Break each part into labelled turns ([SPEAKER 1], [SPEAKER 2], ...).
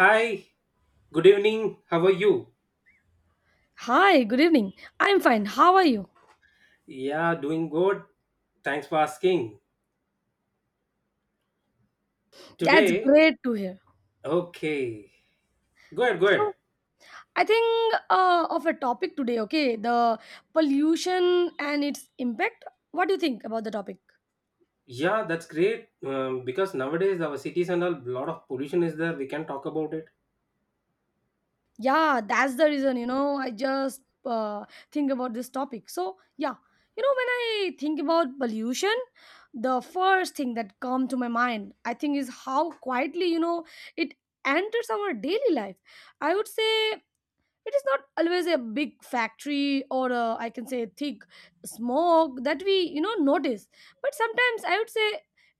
[SPEAKER 1] Hi, good evening. How are you?
[SPEAKER 2] Hi, good evening. I'm fine. How are you?
[SPEAKER 1] Yeah, doing good. Thanks for asking.
[SPEAKER 2] That's
[SPEAKER 1] Today,
[SPEAKER 2] great to hear.
[SPEAKER 1] okay. Go ahead, go ahead.
[SPEAKER 2] So, I think of a topic today, okay? The pollution and its impact. What do you think about the topic?
[SPEAKER 1] Yeah, that's great. Because nowadays our cities and a lot of pollution is there. We can talk about it.
[SPEAKER 2] Yeah, that's the reason, you know, I just think about this topic. So, yeah, you know, when I think about pollution, the first thing that come to my mind, I think, is how quietly, you know, it enters our daily life. I would say it is not always a big factory or a, I can say thick smoke that we, you know, notice, but sometimes I would say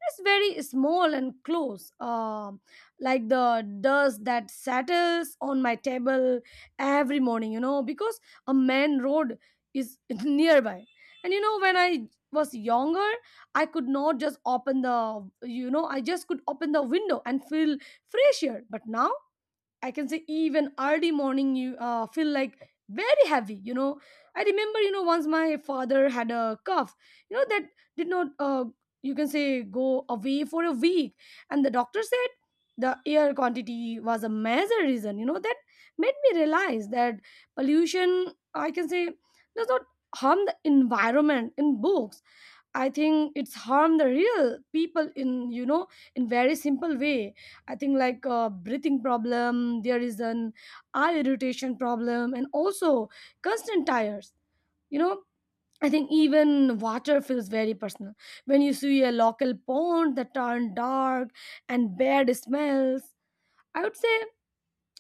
[SPEAKER 2] it's very small and close, like the dust that settles on my table every morning, you know, because a main road is nearby. And you know when I was younger, I could not just open the, you know, I just could open the window and feel fresh air, but now I can say even early morning you feel like very heavy, you know. I remember, you know, once my father had a cough, you know, that did not you can say go away for a week, and the doctor said the air quantity was a major reason, you know. That made me realize that pollution, I can say, does not harm the environment in books. I think it's harm the real people in, you know, in very simple way. I think like breathing problem, there is an eye irritation problem, and also constant tires. You know, I think even water feels very personal when you see a local pond that turned dark and bad smells. I would say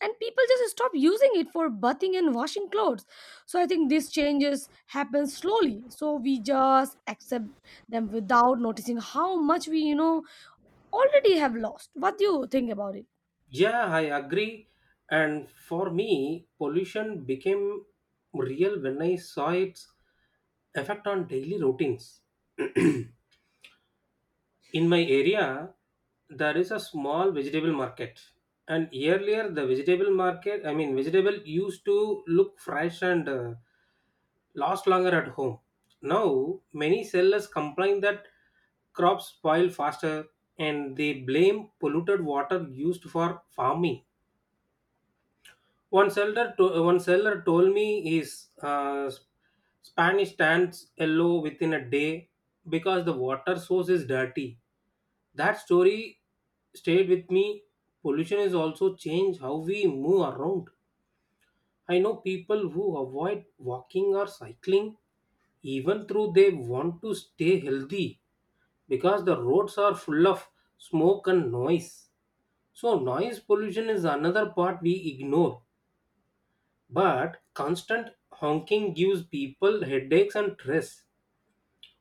[SPEAKER 2] and people just stop using it for bathing and washing clothes. So I think these changes happen slowly, so we just accept them without noticing how much we, you know, already have lost. What do you think about it?
[SPEAKER 1] Yeah, I agree. And for me, pollution became real when I saw its effect on daily routines. In my area, there is a small vegetable market. And earlier, the vegetable market, I mean, vegetable used to look fresh and last longer at home. Now, many sellers complain that crops spoil faster, and they blame polluted water used for farming. One seller told me his Spanish turns yellow within a day because the water source is dirty. That story stayed with me. Pollution has also changed how we move around. I know people who avoid walking or cycling even though they want to stay healthy because the roads are full of smoke and noise. So noise pollution is another part we ignore. But constant honking gives people headaches and stress.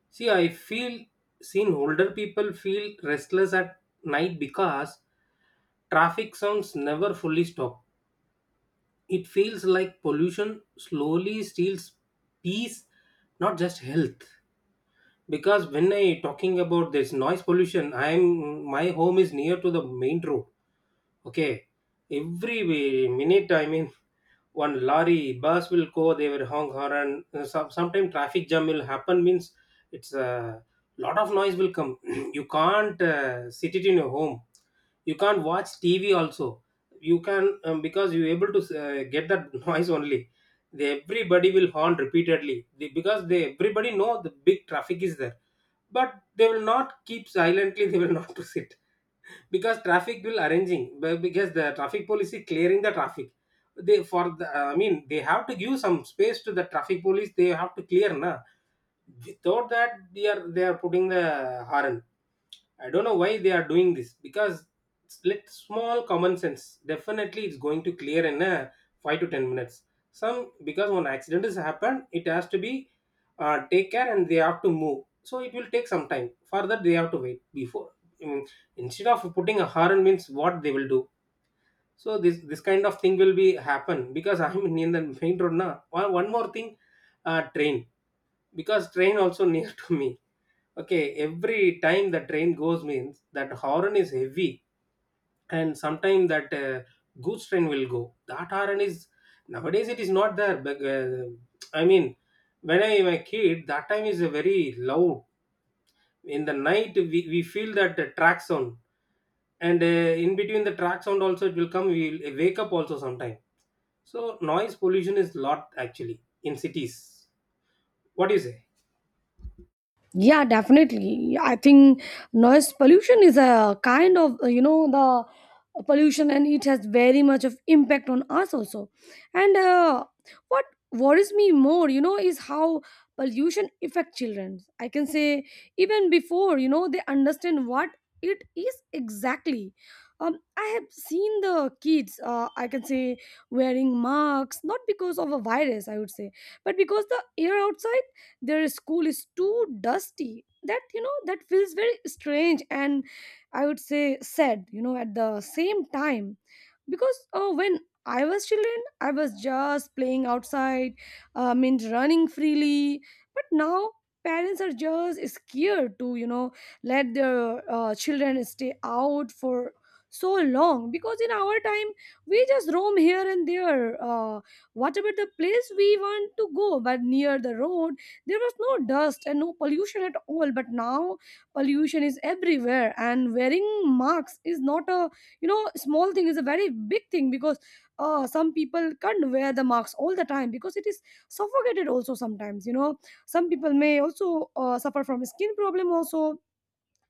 [SPEAKER 1] See, I feel seen older people feel restless at night because traffic sounds never fully stop. It feels like pollution slowly steals peace, not just health. Because when I talking about this noise pollution, I'm my home is near to the main road. Okay, every minute, I mean, one lorry, bus will go, they will honk horn. Sometime traffic jam will happen, means it's a lot of noise will come. You can't sit it in your home. You can't watch TV also. You can, because you're able to get that noise only. They, everybody will horn repeatedly. Because they everybody know the big traffic is there, but they will not keep silently. They will not to sit because traffic will arranging be- because the traffic police is clearing the traffic. They, for the, I mean, they have to give some space to the traffic police. They have to clear na. Without that, they are putting the horn. I don't know why they are doing this because it's let small common sense, definitely it's going to clear in a 5 to 10 minutes. Some because one accident has happened, it has to be take care and they have to move. So it will take some time. For that they have to wait before. I mean, instead of putting a horn means what they will do. So this kind of thing will be happen because I'm in the main road now. One more thing, train, because train also near to me. Okay, every time the train goes means that horn is heavy, and sometime that goods train will go. That horn is nowadays it is not there. But, I mean, when I am a kid, that time is a very loud. In the night, we feel that track sound, and in between the track sound also it will come. We will wake up also sometime. So noise pollution is lot actually in cities. What do you say?
[SPEAKER 2] Yeah, definitely. I think noise pollution is a kind of you know the pollution, and it has very much of impact on us also. And what worries me more, you know, is how pollution affect children. I can say even before, you know, they understand what it is exactly. I have seen the kids. I can say wearing masks, not because of a virus, I would say, but because the air outside their school is too dusty, that, you know, that feels very strange and I would say sad, you know, at the same time. Because when I was children, I was just playing outside, I mean running freely, but now parents are just scared to, you know, let their children stay out for so long. Because in our time we just roam here and there, what about the place we want to go, but near the road there was no dust and no pollution at all. But now pollution is everywhere, and wearing masks is not a, you know, small thing, is a very big thing. Because some people can't wear the masks all the time because it is suffocated also sometimes, you know. Some people may also suffer from skin problem also.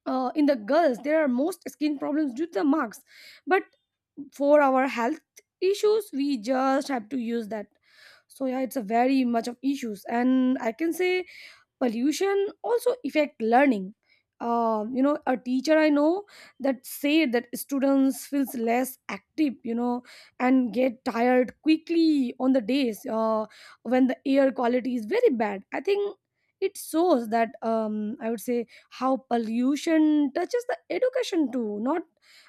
[SPEAKER 2] In the girls there are most skin problems due to the marks. But for our health issues we just have to use that. So yeah, it's a very much of issues. And I can say pollution also affect learning. You know, a teacher I know that said that students feels less active, you know, and get tired quickly on the days when the air quality is very bad. I think it shows that, I would say, how pollution touches the education too, not,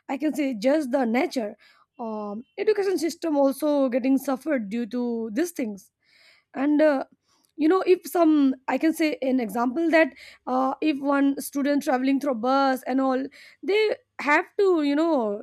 [SPEAKER 2] I can say, just the nature. Education system also getting suffered due to these things. And you know, if some, I can say an example that, if one student traveling through bus and all, they have to, you know,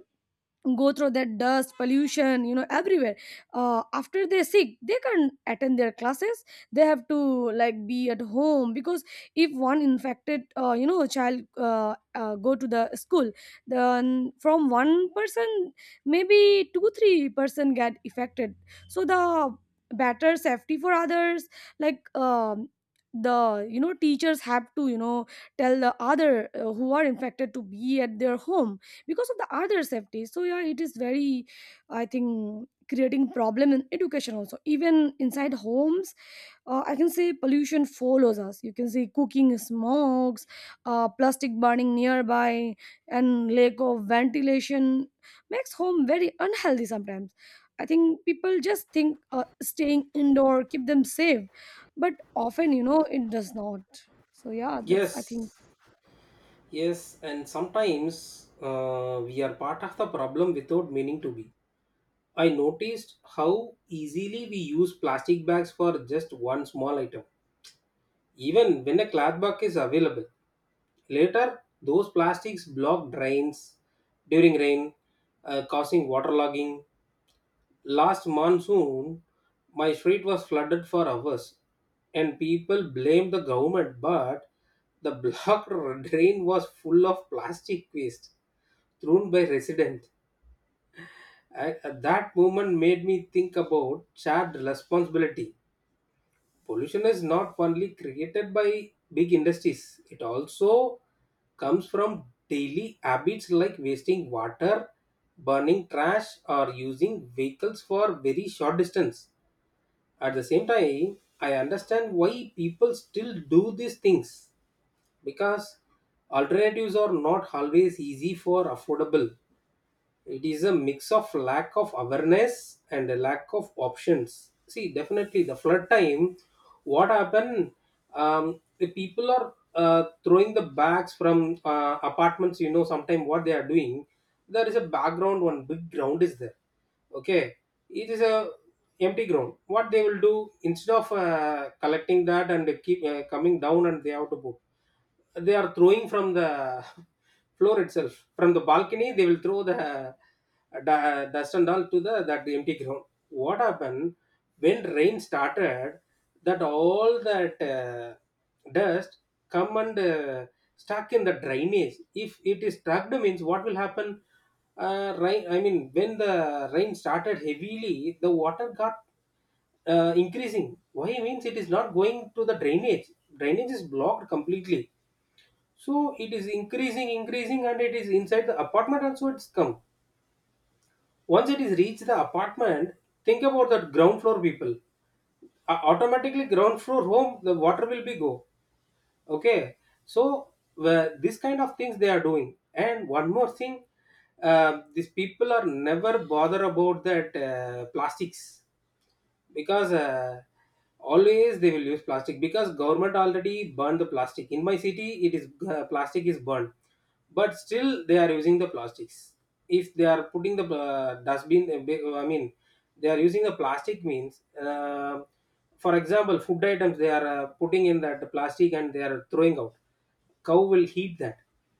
[SPEAKER 2] go through that dust pollution, you know, everywhere. After they're sick they can't attend their classes, they have to like be at home. Because if one infected you know child go to the school, then from one person maybe two three person get affected. So the better safety for others, like, the, you know, teachers have to, you know, tell the other who are infected to be at their home because of the other safety. So yeah, it is very, I think, creating problem in education also. Even inside homes, I can say pollution follows us. You can see cooking smokes, plastic burning nearby, and lack of ventilation makes home very unhealthy sometimes. I think people just think staying indoor keep them safe, but often, you know, it does not. So yeah, that's I think.
[SPEAKER 1] Yes. Yes, and sometimes we are part of the problem without meaning to be. I noticed how easily we use plastic bags for just one small item, even when a cloth bag is available. Later, those plastics block drains during rain, causing waterlogging. Last monsoon, my street was flooded for hours, and people blamed the government, but the blocked drain was full of plastic waste thrown by resident. That moment made me think about shared responsibility. Pollution is not only created by big industries, it also comes from daily habits like wasting water, burning trash, or using vehicles for very short distance. At the same time, I understand why people still do these things because alternatives are not always easy for affordable. It is a mix of lack of awareness and a lack of options. See, definitely the flood time, what happened, the people are throwing the bags from apartments, you know. Sometimes what they are doing, there is a background, one big ground is there, okay. It is a empty ground. What they will do, instead of collecting that and keep coming down and they have to put, they are throwing from the floor itself. From the balcony, they will throw the dust and all to the that empty ground. What happened when rain started? That all that dust come and stuck in the drainage. If it is stuck, means what will happen? Rain. I mean, when the rain started heavily, the water got increasing. Why means it is not going to the drainage. Drainage is blocked completely. So it is increasing, increasing, and it is inside the apartment also. It's come. Once it is reached the apartment, think about that ground floor people. Automatically ground floor home, the water will be go. Okay, so this kind of things they are doing. And one more thing, these people are never bother about that plastics because always they will use plastic because government already burned the plastic. In my city it is plastic is burned, but still they are using the plastics. If they are putting the I mean, they are using the plastic means for example food items they are putting in that plastic and they are throwing out. Cow will eat that,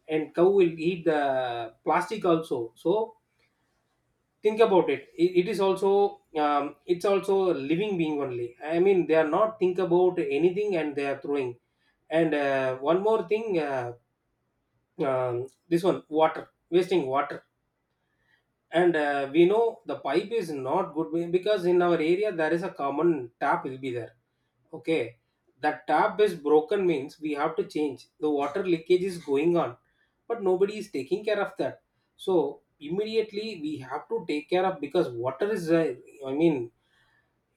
[SPEAKER 1] and cow will eat the plastic also. So think about it. It is also it's also a living being only. I mean, they are not think about anything and they are throwing. And one more thing, um, this one water, wasting water. And we know the pipe is not good because in our area there is a common tap will be there. Okay, that tap is broken means we have to change. The water leakage is going on, but nobody is taking care of that. So immediately we have to take care of because water is, I mean,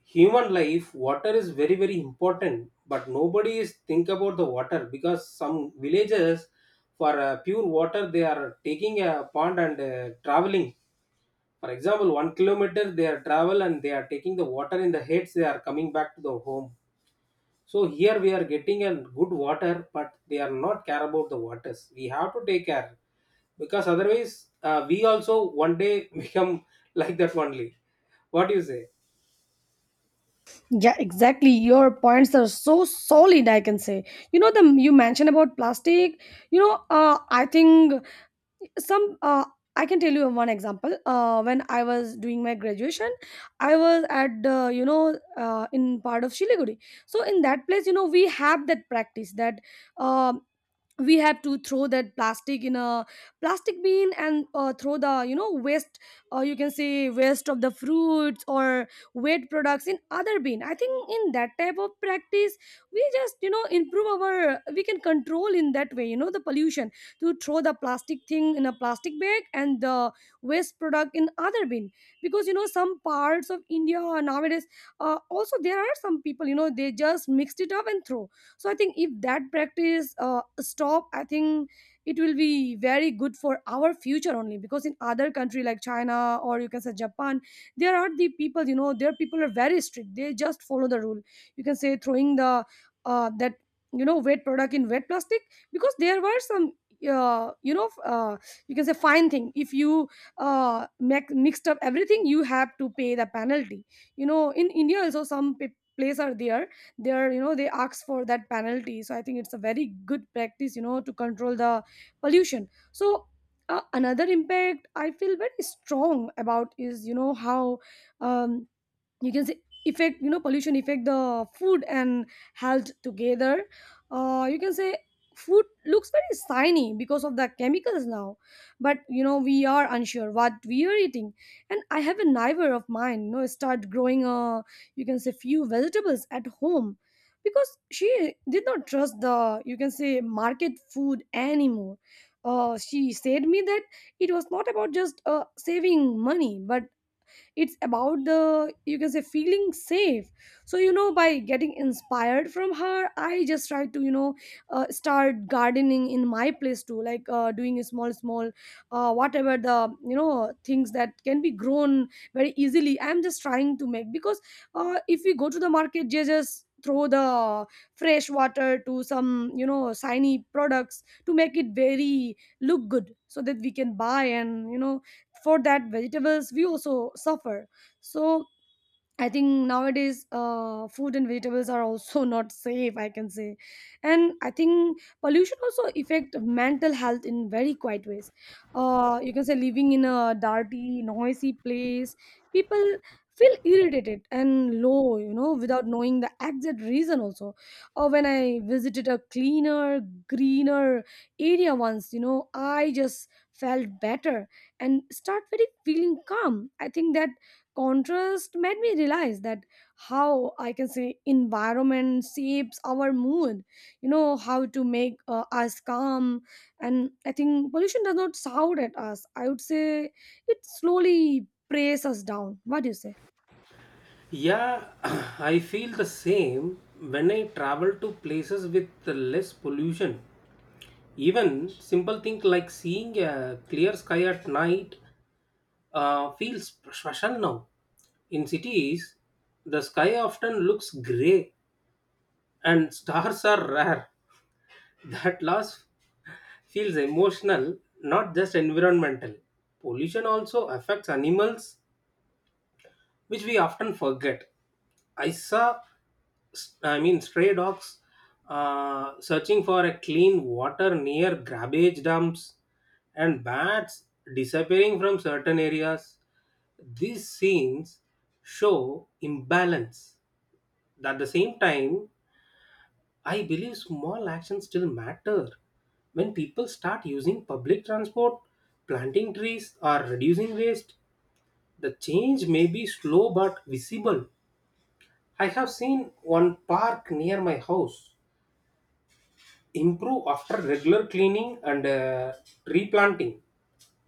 [SPEAKER 1] human life. Water is very very important, but nobody is think about the water because some villages for pure water they are taking a pond and traveling. For example, 1 kilometer they are travel and they are taking the water in the heads. They are coming back to the home. So here we are getting a good water, but they are not care about the waters. We have to take care because otherwise we also one day become like that only. What do you say?
[SPEAKER 2] Yeah, exactly. Your points are so solid, I can say. You know, the you mentioned about plastic. You know, I think some. I can tell you one example. When I was doing my graduation, I was at you know in part of Shiliguri. So in that place, you know, we have that practice that um we have to throw that plastic in a plastic bin, and throw the, you know, waste, you can say waste of the fruits or wet products in other bin. I think in that type of practice we just, you know, improve our we can control in that way, you know, the pollution. To throw the plastic thing in a plastic bag and the waste product in other bin. Because you know some parts of india nowadays, also there are some people, you know, they just mixed it up and throw. So I think if that practice stop, I think it will be very good for our future only. Because in other country like china or you can say japan, there are the people, you know, their people are very strict, they just follow the rule. You can say throwing the that, you know, wet product in wet plastic. Because there were some you know you can say fine thing. If you mixed up everything, you have to pay the penalty. You know, in india also some place are there, they're, you know, they ask for that penalty. So I think it's a very good practice, you know, to control the pollution. So another impact I feel very strong about is, you know, how, um, you can say, effect, you know, pollution affect the food and health together. You can say food looks very shiny because of the chemicals now, but you know we are unsure what we are eating. And I have a neighbor of mine, you know, start growing you can say few vegetables at home, because she did not trust the, you can say, market food anymore. She said me that it was not about just saving money, but it's about the, you can say, feeling safe. So, you know, by getting inspired from her I just try to, you know, start gardening in my place too, like doing a small small, whatever the, you know, things that can be grown very easily, I'm just trying to make. Because if we go to the market they just throw the fresh water to some, you know, shiny products to make it very look good so that we can buy. And you know, for that vegetables we also suffer. So I think nowadays food and vegetables are also not safe, I can say. And I think pollution also affect mental health in very quiet ways. You can say living in a dirty, noisy place, people feel irritated and low, you know, without knowing the exact reason also. Or when I visited a cleaner, greener area once, you know, I just felt better and start very feeling calm. I think that contrast made me realize that how, I can say, environment shapes our mood, you know, how to make us calm. And I think pollution does not shout at us, I would say it slowly preys us down. What do you say?
[SPEAKER 1] Yeah, I feel the same when I travel to places with less pollution. Even simple thing like seeing a clear sky at night feels special now. In cities, the sky often looks grey and stars are rare. That loss feels emotional, not just environmental. Pollution also affects animals, which we often forget. I saw, I mean, stray dogs searching for a clean water near garbage dumps, and bats disappearing from certain areas. These scenes show imbalance. At the same time, I believe small actions still matter. When people start using public transport, planting trees, or reducing waste, the change may be slow but visible. I have seen one park near my house improve after regular cleaning and replanting.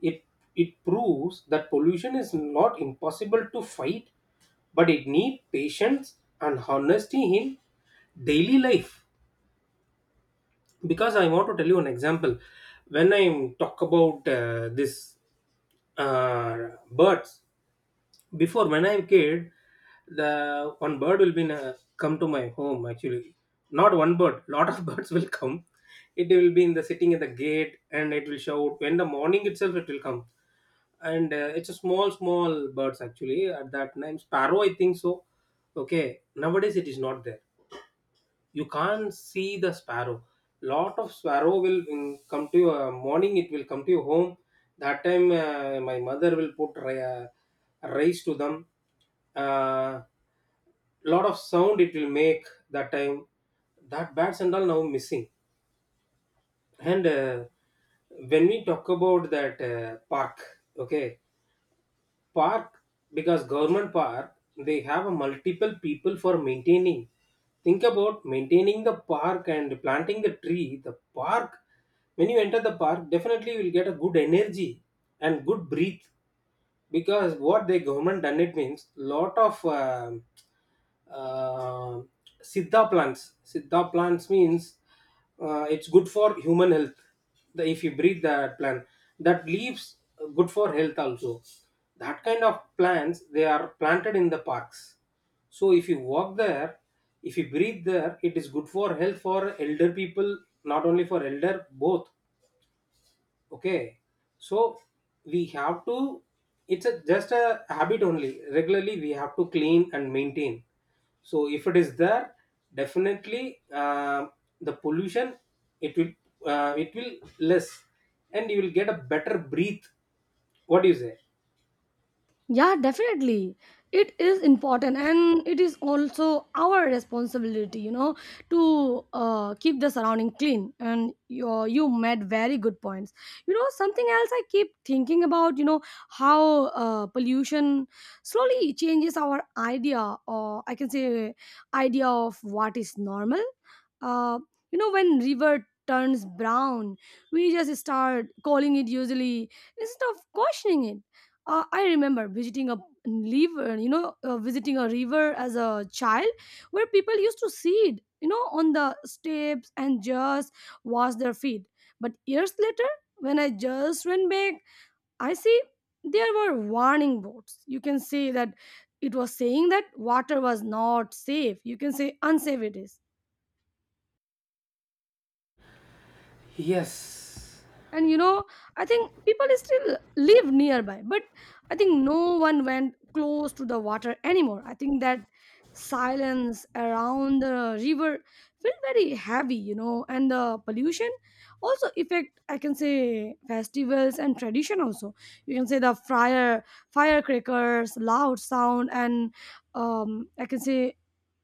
[SPEAKER 1] It, it proves that pollution is not impossible to fight, but it needs patience and honesty in daily life. Because I want to tell you an example, when I talk about this uh, birds before when I'm kid, the one bird will be come to my home, actually not one bird, lot of birds will come. It will be in the sitting at the gate, and it will shout when the morning itself it will come. And it's a small small birds, actually at that time sparrow I think so. Okay, nowadays it is not there. You can't see the sparrow. Lot of sparrow will come to your morning, it will come to your home. That time my mother will put rice to them. Uh, lot of sound it will make that time, that bats and all now missing. And uh, when we talk about that park, okay, park. Because government park, they have a multiple people for maintaining. Think about maintaining the park and planting the tree, the park. When you enter the park definitely you will get a good energy and good breathe. Because what the government done, it means lot of uh, siddha plants. Siddha plants means it's good for human health. If you breathe that plant, that leaves good for health also. That kind of plants, they are planted in the parks. So if you walk there, if you breathe there, it is good for health for elder people. Not only for elder, both. Okay, so we have to. Just a habit only. Regularly, we have to clean and maintain. So if it is there, definitely the pollution, it will, it will less, and you will get a better breathe. What do you say?
[SPEAKER 2] Yeah, definitely. It is important and it is also our responsibility, you know, to keep the surrounding clean. And you made very good points. You know, something else I keep thinking about, you know, how pollution slowly changes our idea, or I can say, idea of what is normal. Uh, you know, when river turns brown, we just start calling it usually instead of questioning it. I remember visiting a river as a child where people used to sit, you know, on the steps and just wash their feet. But years later, when I just went back, I see there were warning boards. You can say that it was saying that water was not safe. You can say unsafe it is.
[SPEAKER 1] Yes,
[SPEAKER 2] And you know, I think people still live nearby, but I think no one went close to the water anymore. I think that silence around the river felt very heavy, you know, and the pollution also affect, I can say, festivals and tradition also. You can say the firecrackers loud sound and I can say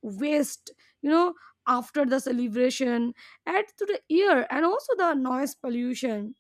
[SPEAKER 2] waste, you know after the celebration add to the ear and also the noise pollution.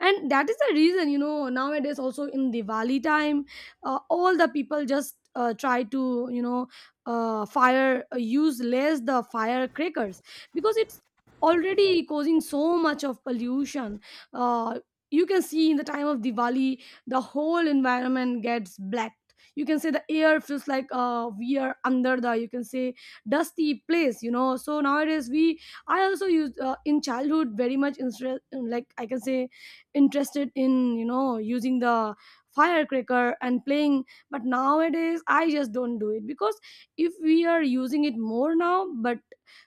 [SPEAKER 2] And that is the reason, you know, nowadays also in Diwali time all the people just try to you know fire use less the firecrackers because it's already causing so much of pollution. uh, you can see in the time of Diwali the whole environment gets blacked. You can say the air feels like we are under the, you can say, dusty place, you know. So nowadays we, I also used in childhood very much like, I can say, interested in, you know, using the firecracker and playing, but nowadays I just don't do it because if we are using it more now, but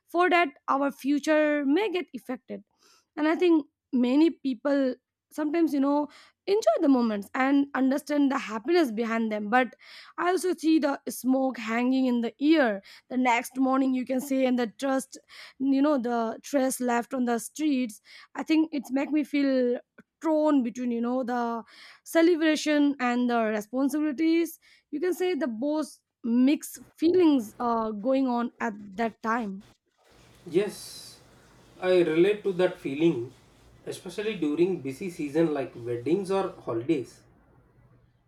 [SPEAKER 2] for that our future may get affected. And I think many people sometimes, you know, enjoy the moments and understand the happiness behind them. But I also see the smoke hanging in the air the next morning, you can say, and the trust, you know, the trash left on the streets. I think it's make me feel torn between, you know, the celebration and the responsibilities. You can say the both mixed feelings going on at that time.
[SPEAKER 1] yes, I relate to that feeling, especially during busy season like weddings or holidays.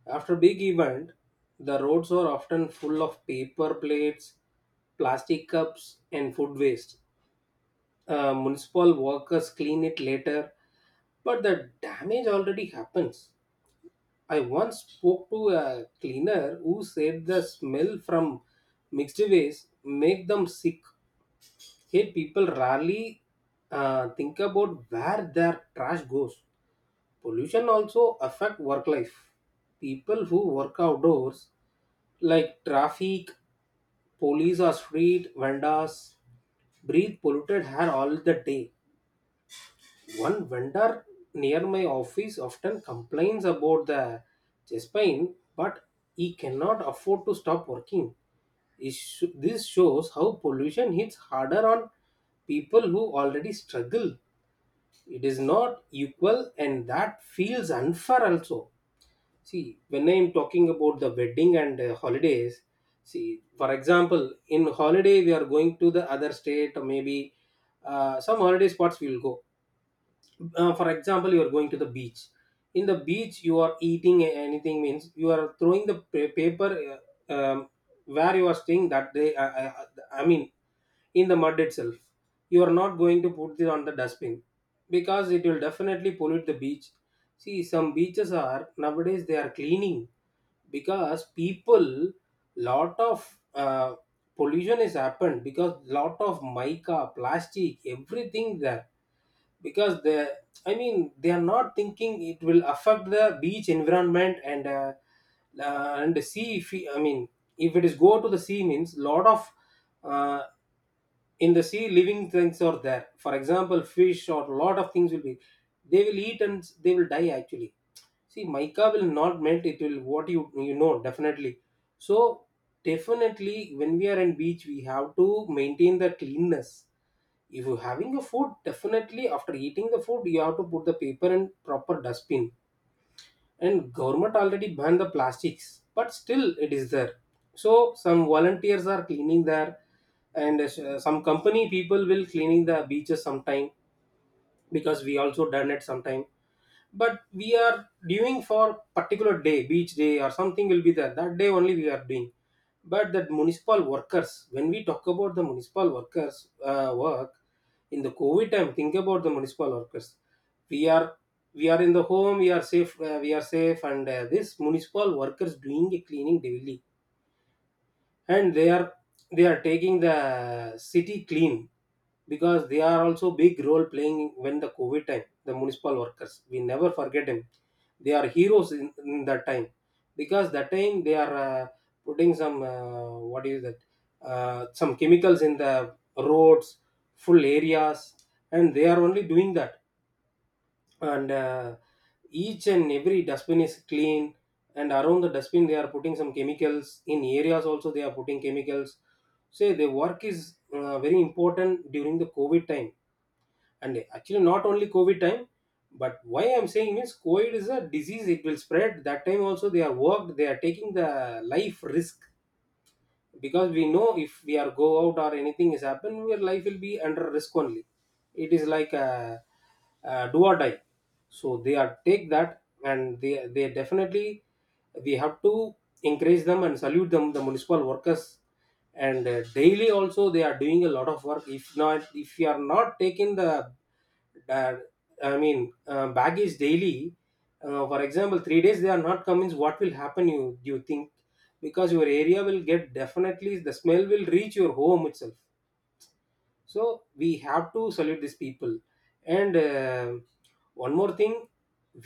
[SPEAKER 1] After big event, the roads are often full of paper plates, plastic cups, and food waste. Municipal workers clean it later, but the damage already happens. I once spoke to a cleaner who said the smell from mixed waste make them sick. Here, people rarely think about where their trash goes. Pollution also affect work life. People who work outdoors like traffic, police or street vendors breathe polluted air all the day. One vendor near my office often complains about the chest pain, but he cannot afford to stop working. This shows how pollution hits harder on people who already struggle. It is not equal, and that feels unfair also. See, when I'm talking about the wedding and holidays, see, for example, in holiday we are going to the other state, or maybe some holiday spots we will go. For example, you are going to the beach. In the beach, you are eating anything means you are throwing the paper, uh, um, where you are staying that day. I mean, in the mud itself. You are not going to put it on the dustbin because it will definitely pollute the beach. See, some beaches are nowadays they are cleaning because people lot of pollution has happened because lot of mica, plastic, everything there. Because the, I mean they are not thinking it will affect the beach environment, and the sea. If we- I mean, if it is go to the sea means lot of, uh, in the sea living things are there, for example fish or lot of things will be, they will eat and they will die actually. See, mica will not melt, it will what, you know definitely. So definitely when we are in beach we have to maintain the cleanness. If you're having a food, definitely after eating the food you have to put the paper in proper dustbin. And government already banned the plastics but still it is there. So some volunteers are cleaning there, and some company people will cleaning the beaches sometime, because we also done it sometime. But we are doing for particular day, beach day or something will be there that day only we are doing. But that municipal workers, when we talk about the municipal workers work in the covid time, think about the municipal workers. We are we are in the home, we are safe, we are safe, and this municipal workers doing a cleaning daily, and they are taking the city clean, because they are also big role playing. When the covid time the municipal workers, we never forget them. They are heroes in that time. Because that time they are putting some what is that, some chemicals in the roads, full areas, and they are only doing that. And uh, each and every dustbin is clean, and around the dustbin they are putting some chemicals, in areas also they are putting chemicals. So the work is very important during the covid time. And actually not only covid time, but why I'm saying is covid is a disease, it will spread, that time also they are worked, they are taking the life risk. Because we know if we are go out or anything is happen your life will be under risk only. It is like a, do or die. So they are take that, and they definitely, we have to encourage them and salute them, the municipal workers. And uh, daily also they are doing a lot of work, if you are not taking the Dad, I mean, baggage daily. For example, 3 days they are not convinced what will happen. You Do you think, because your area will get definitely the smell will reach your home itself. So we have to salute these people. And one more thing,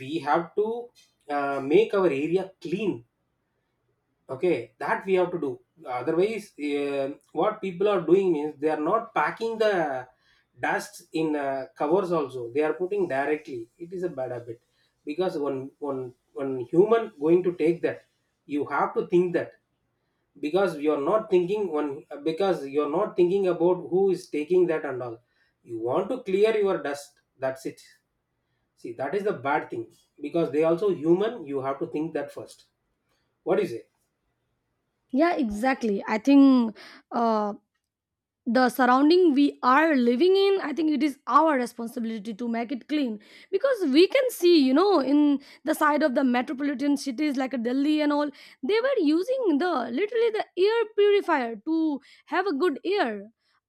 [SPEAKER 1] we have to make our area clean. Okay, that we have to do. Otherwise, what people are doing is they are not packing the dust in covers. Also, they are putting directly. It is a bad habit, because one human going to take that, you have to think that. Because you are not thinking one, because you are not thinking about who is taking that and all. You want to clear your dust. That's it. See, that is the bad thing because they also human. You have to think that first. What is it?
[SPEAKER 2] Yeah, exactly. I think uh, the surrounding we are living in, I think it is our responsibility to make it clean, because we can see, you know, in the side of the metropolitan cities like Delhi and all, they were using the literally the air purifier to have a good air.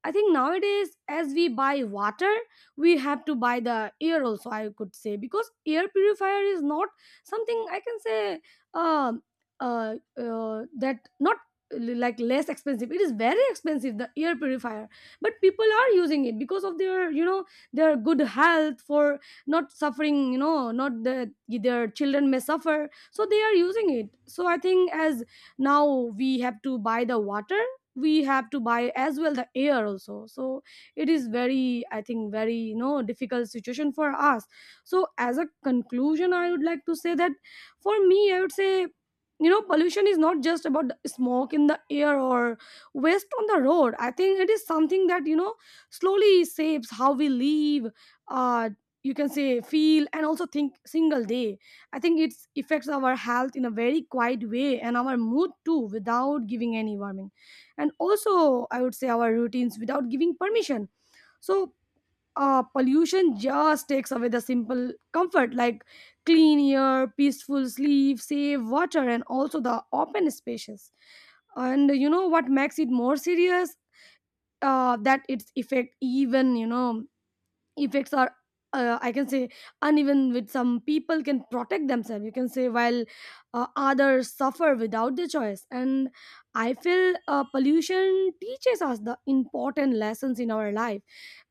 [SPEAKER 2] I think nowadays, as we buy water, we have to buy the air also, I could say, because air purifier is not something, I can say, um that not like less expensive. It is very expensive, the air purifier, but people are using it because of their, you know, their good health, for not suffering, you know, not that their children may suffer, so they are using it. So I think as now we have to buy the water, we have to buy as well the air also. So it is very, I think, very, you know, difficult situation for us. So as a conclusion, I would like to say that, for me, I would say, you know, pollution is not just about the smoke in the air or waste on the road. I think it is something that, you know, slowly shapes how we live, uh you can say feel and also think single day. I think it affects our health in a very quiet way, and our mood too, without giving any warning, and also, I would say, our routines without giving permission. So pollution just takes away the simple comfort like clean air, peaceful sleep, safe water, and also the open spaces. And you know what makes it more serious? That its effect, even, you know, effects are. I can say uneven, with some people can protect themselves, you can say, while others suffer without their choice. And I feel pollution teaches us the important lessons in our life,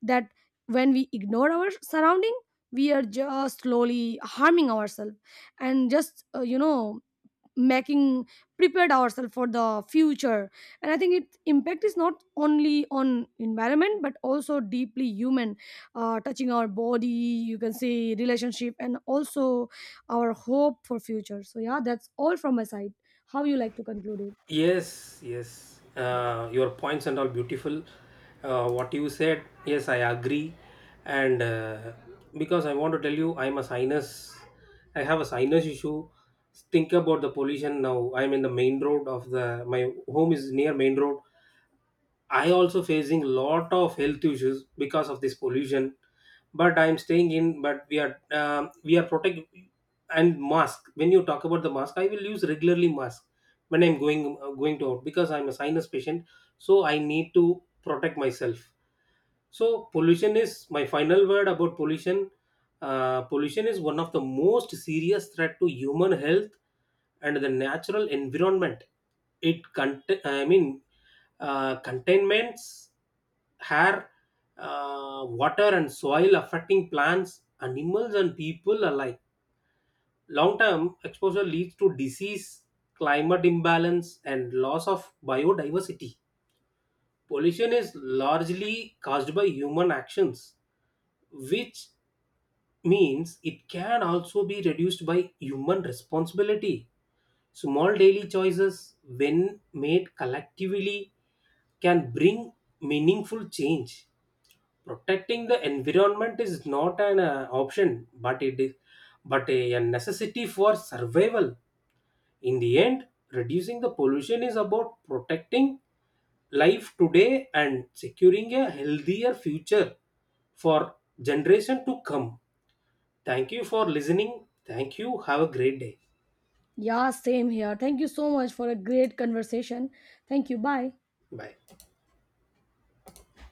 [SPEAKER 2] that when we ignore our surrounding, we are just slowly harming ourselves, and just you know, making prepared ourselves for the future. And I think its impact is not only on environment but also deeply human, touching our body, you can say, relationship, and also our hope for future. So yeah, that's all from my side. How you like to conclude it?
[SPEAKER 1] Yes, yes. Your points and all beautiful. What you said, yes, I agree. And because I want to tell you, I'm a sinus. I have a sinus issue. Think about the pollution now. I'm in the main road of the my home is near main road, I also facing lot of health issues because of this pollution. But I'm staying in. But we are protect and mask. When you talk about the mask, I will use regularly mask when I'm going to out because I'm a sinus patient. So I need to protect myself. So pollution is my final word about pollution. Pollution is one of the most serious threat to human health and the natural environment. I mean, containments air, water, and soil affecting plants, animals, and people alike. Long term exposure leads to disease, climate imbalance, and loss of biodiversity. Pollution is largely caused by human actions, which means it can also be reduced by human responsibility. Small daily choices, when made collectively, can bring meaningful change. Protecting the environment is not an option, but it is but a necessity for survival. In the end, reducing the pollution is about protecting life today and securing a healthier future for generation to come. Thank you for listening. Thank you. Have a great day.
[SPEAKER 2] Yeah, same here. Thank you so much for a great conversation. Thank you. Bye.
[SPEAKER 1] Bye.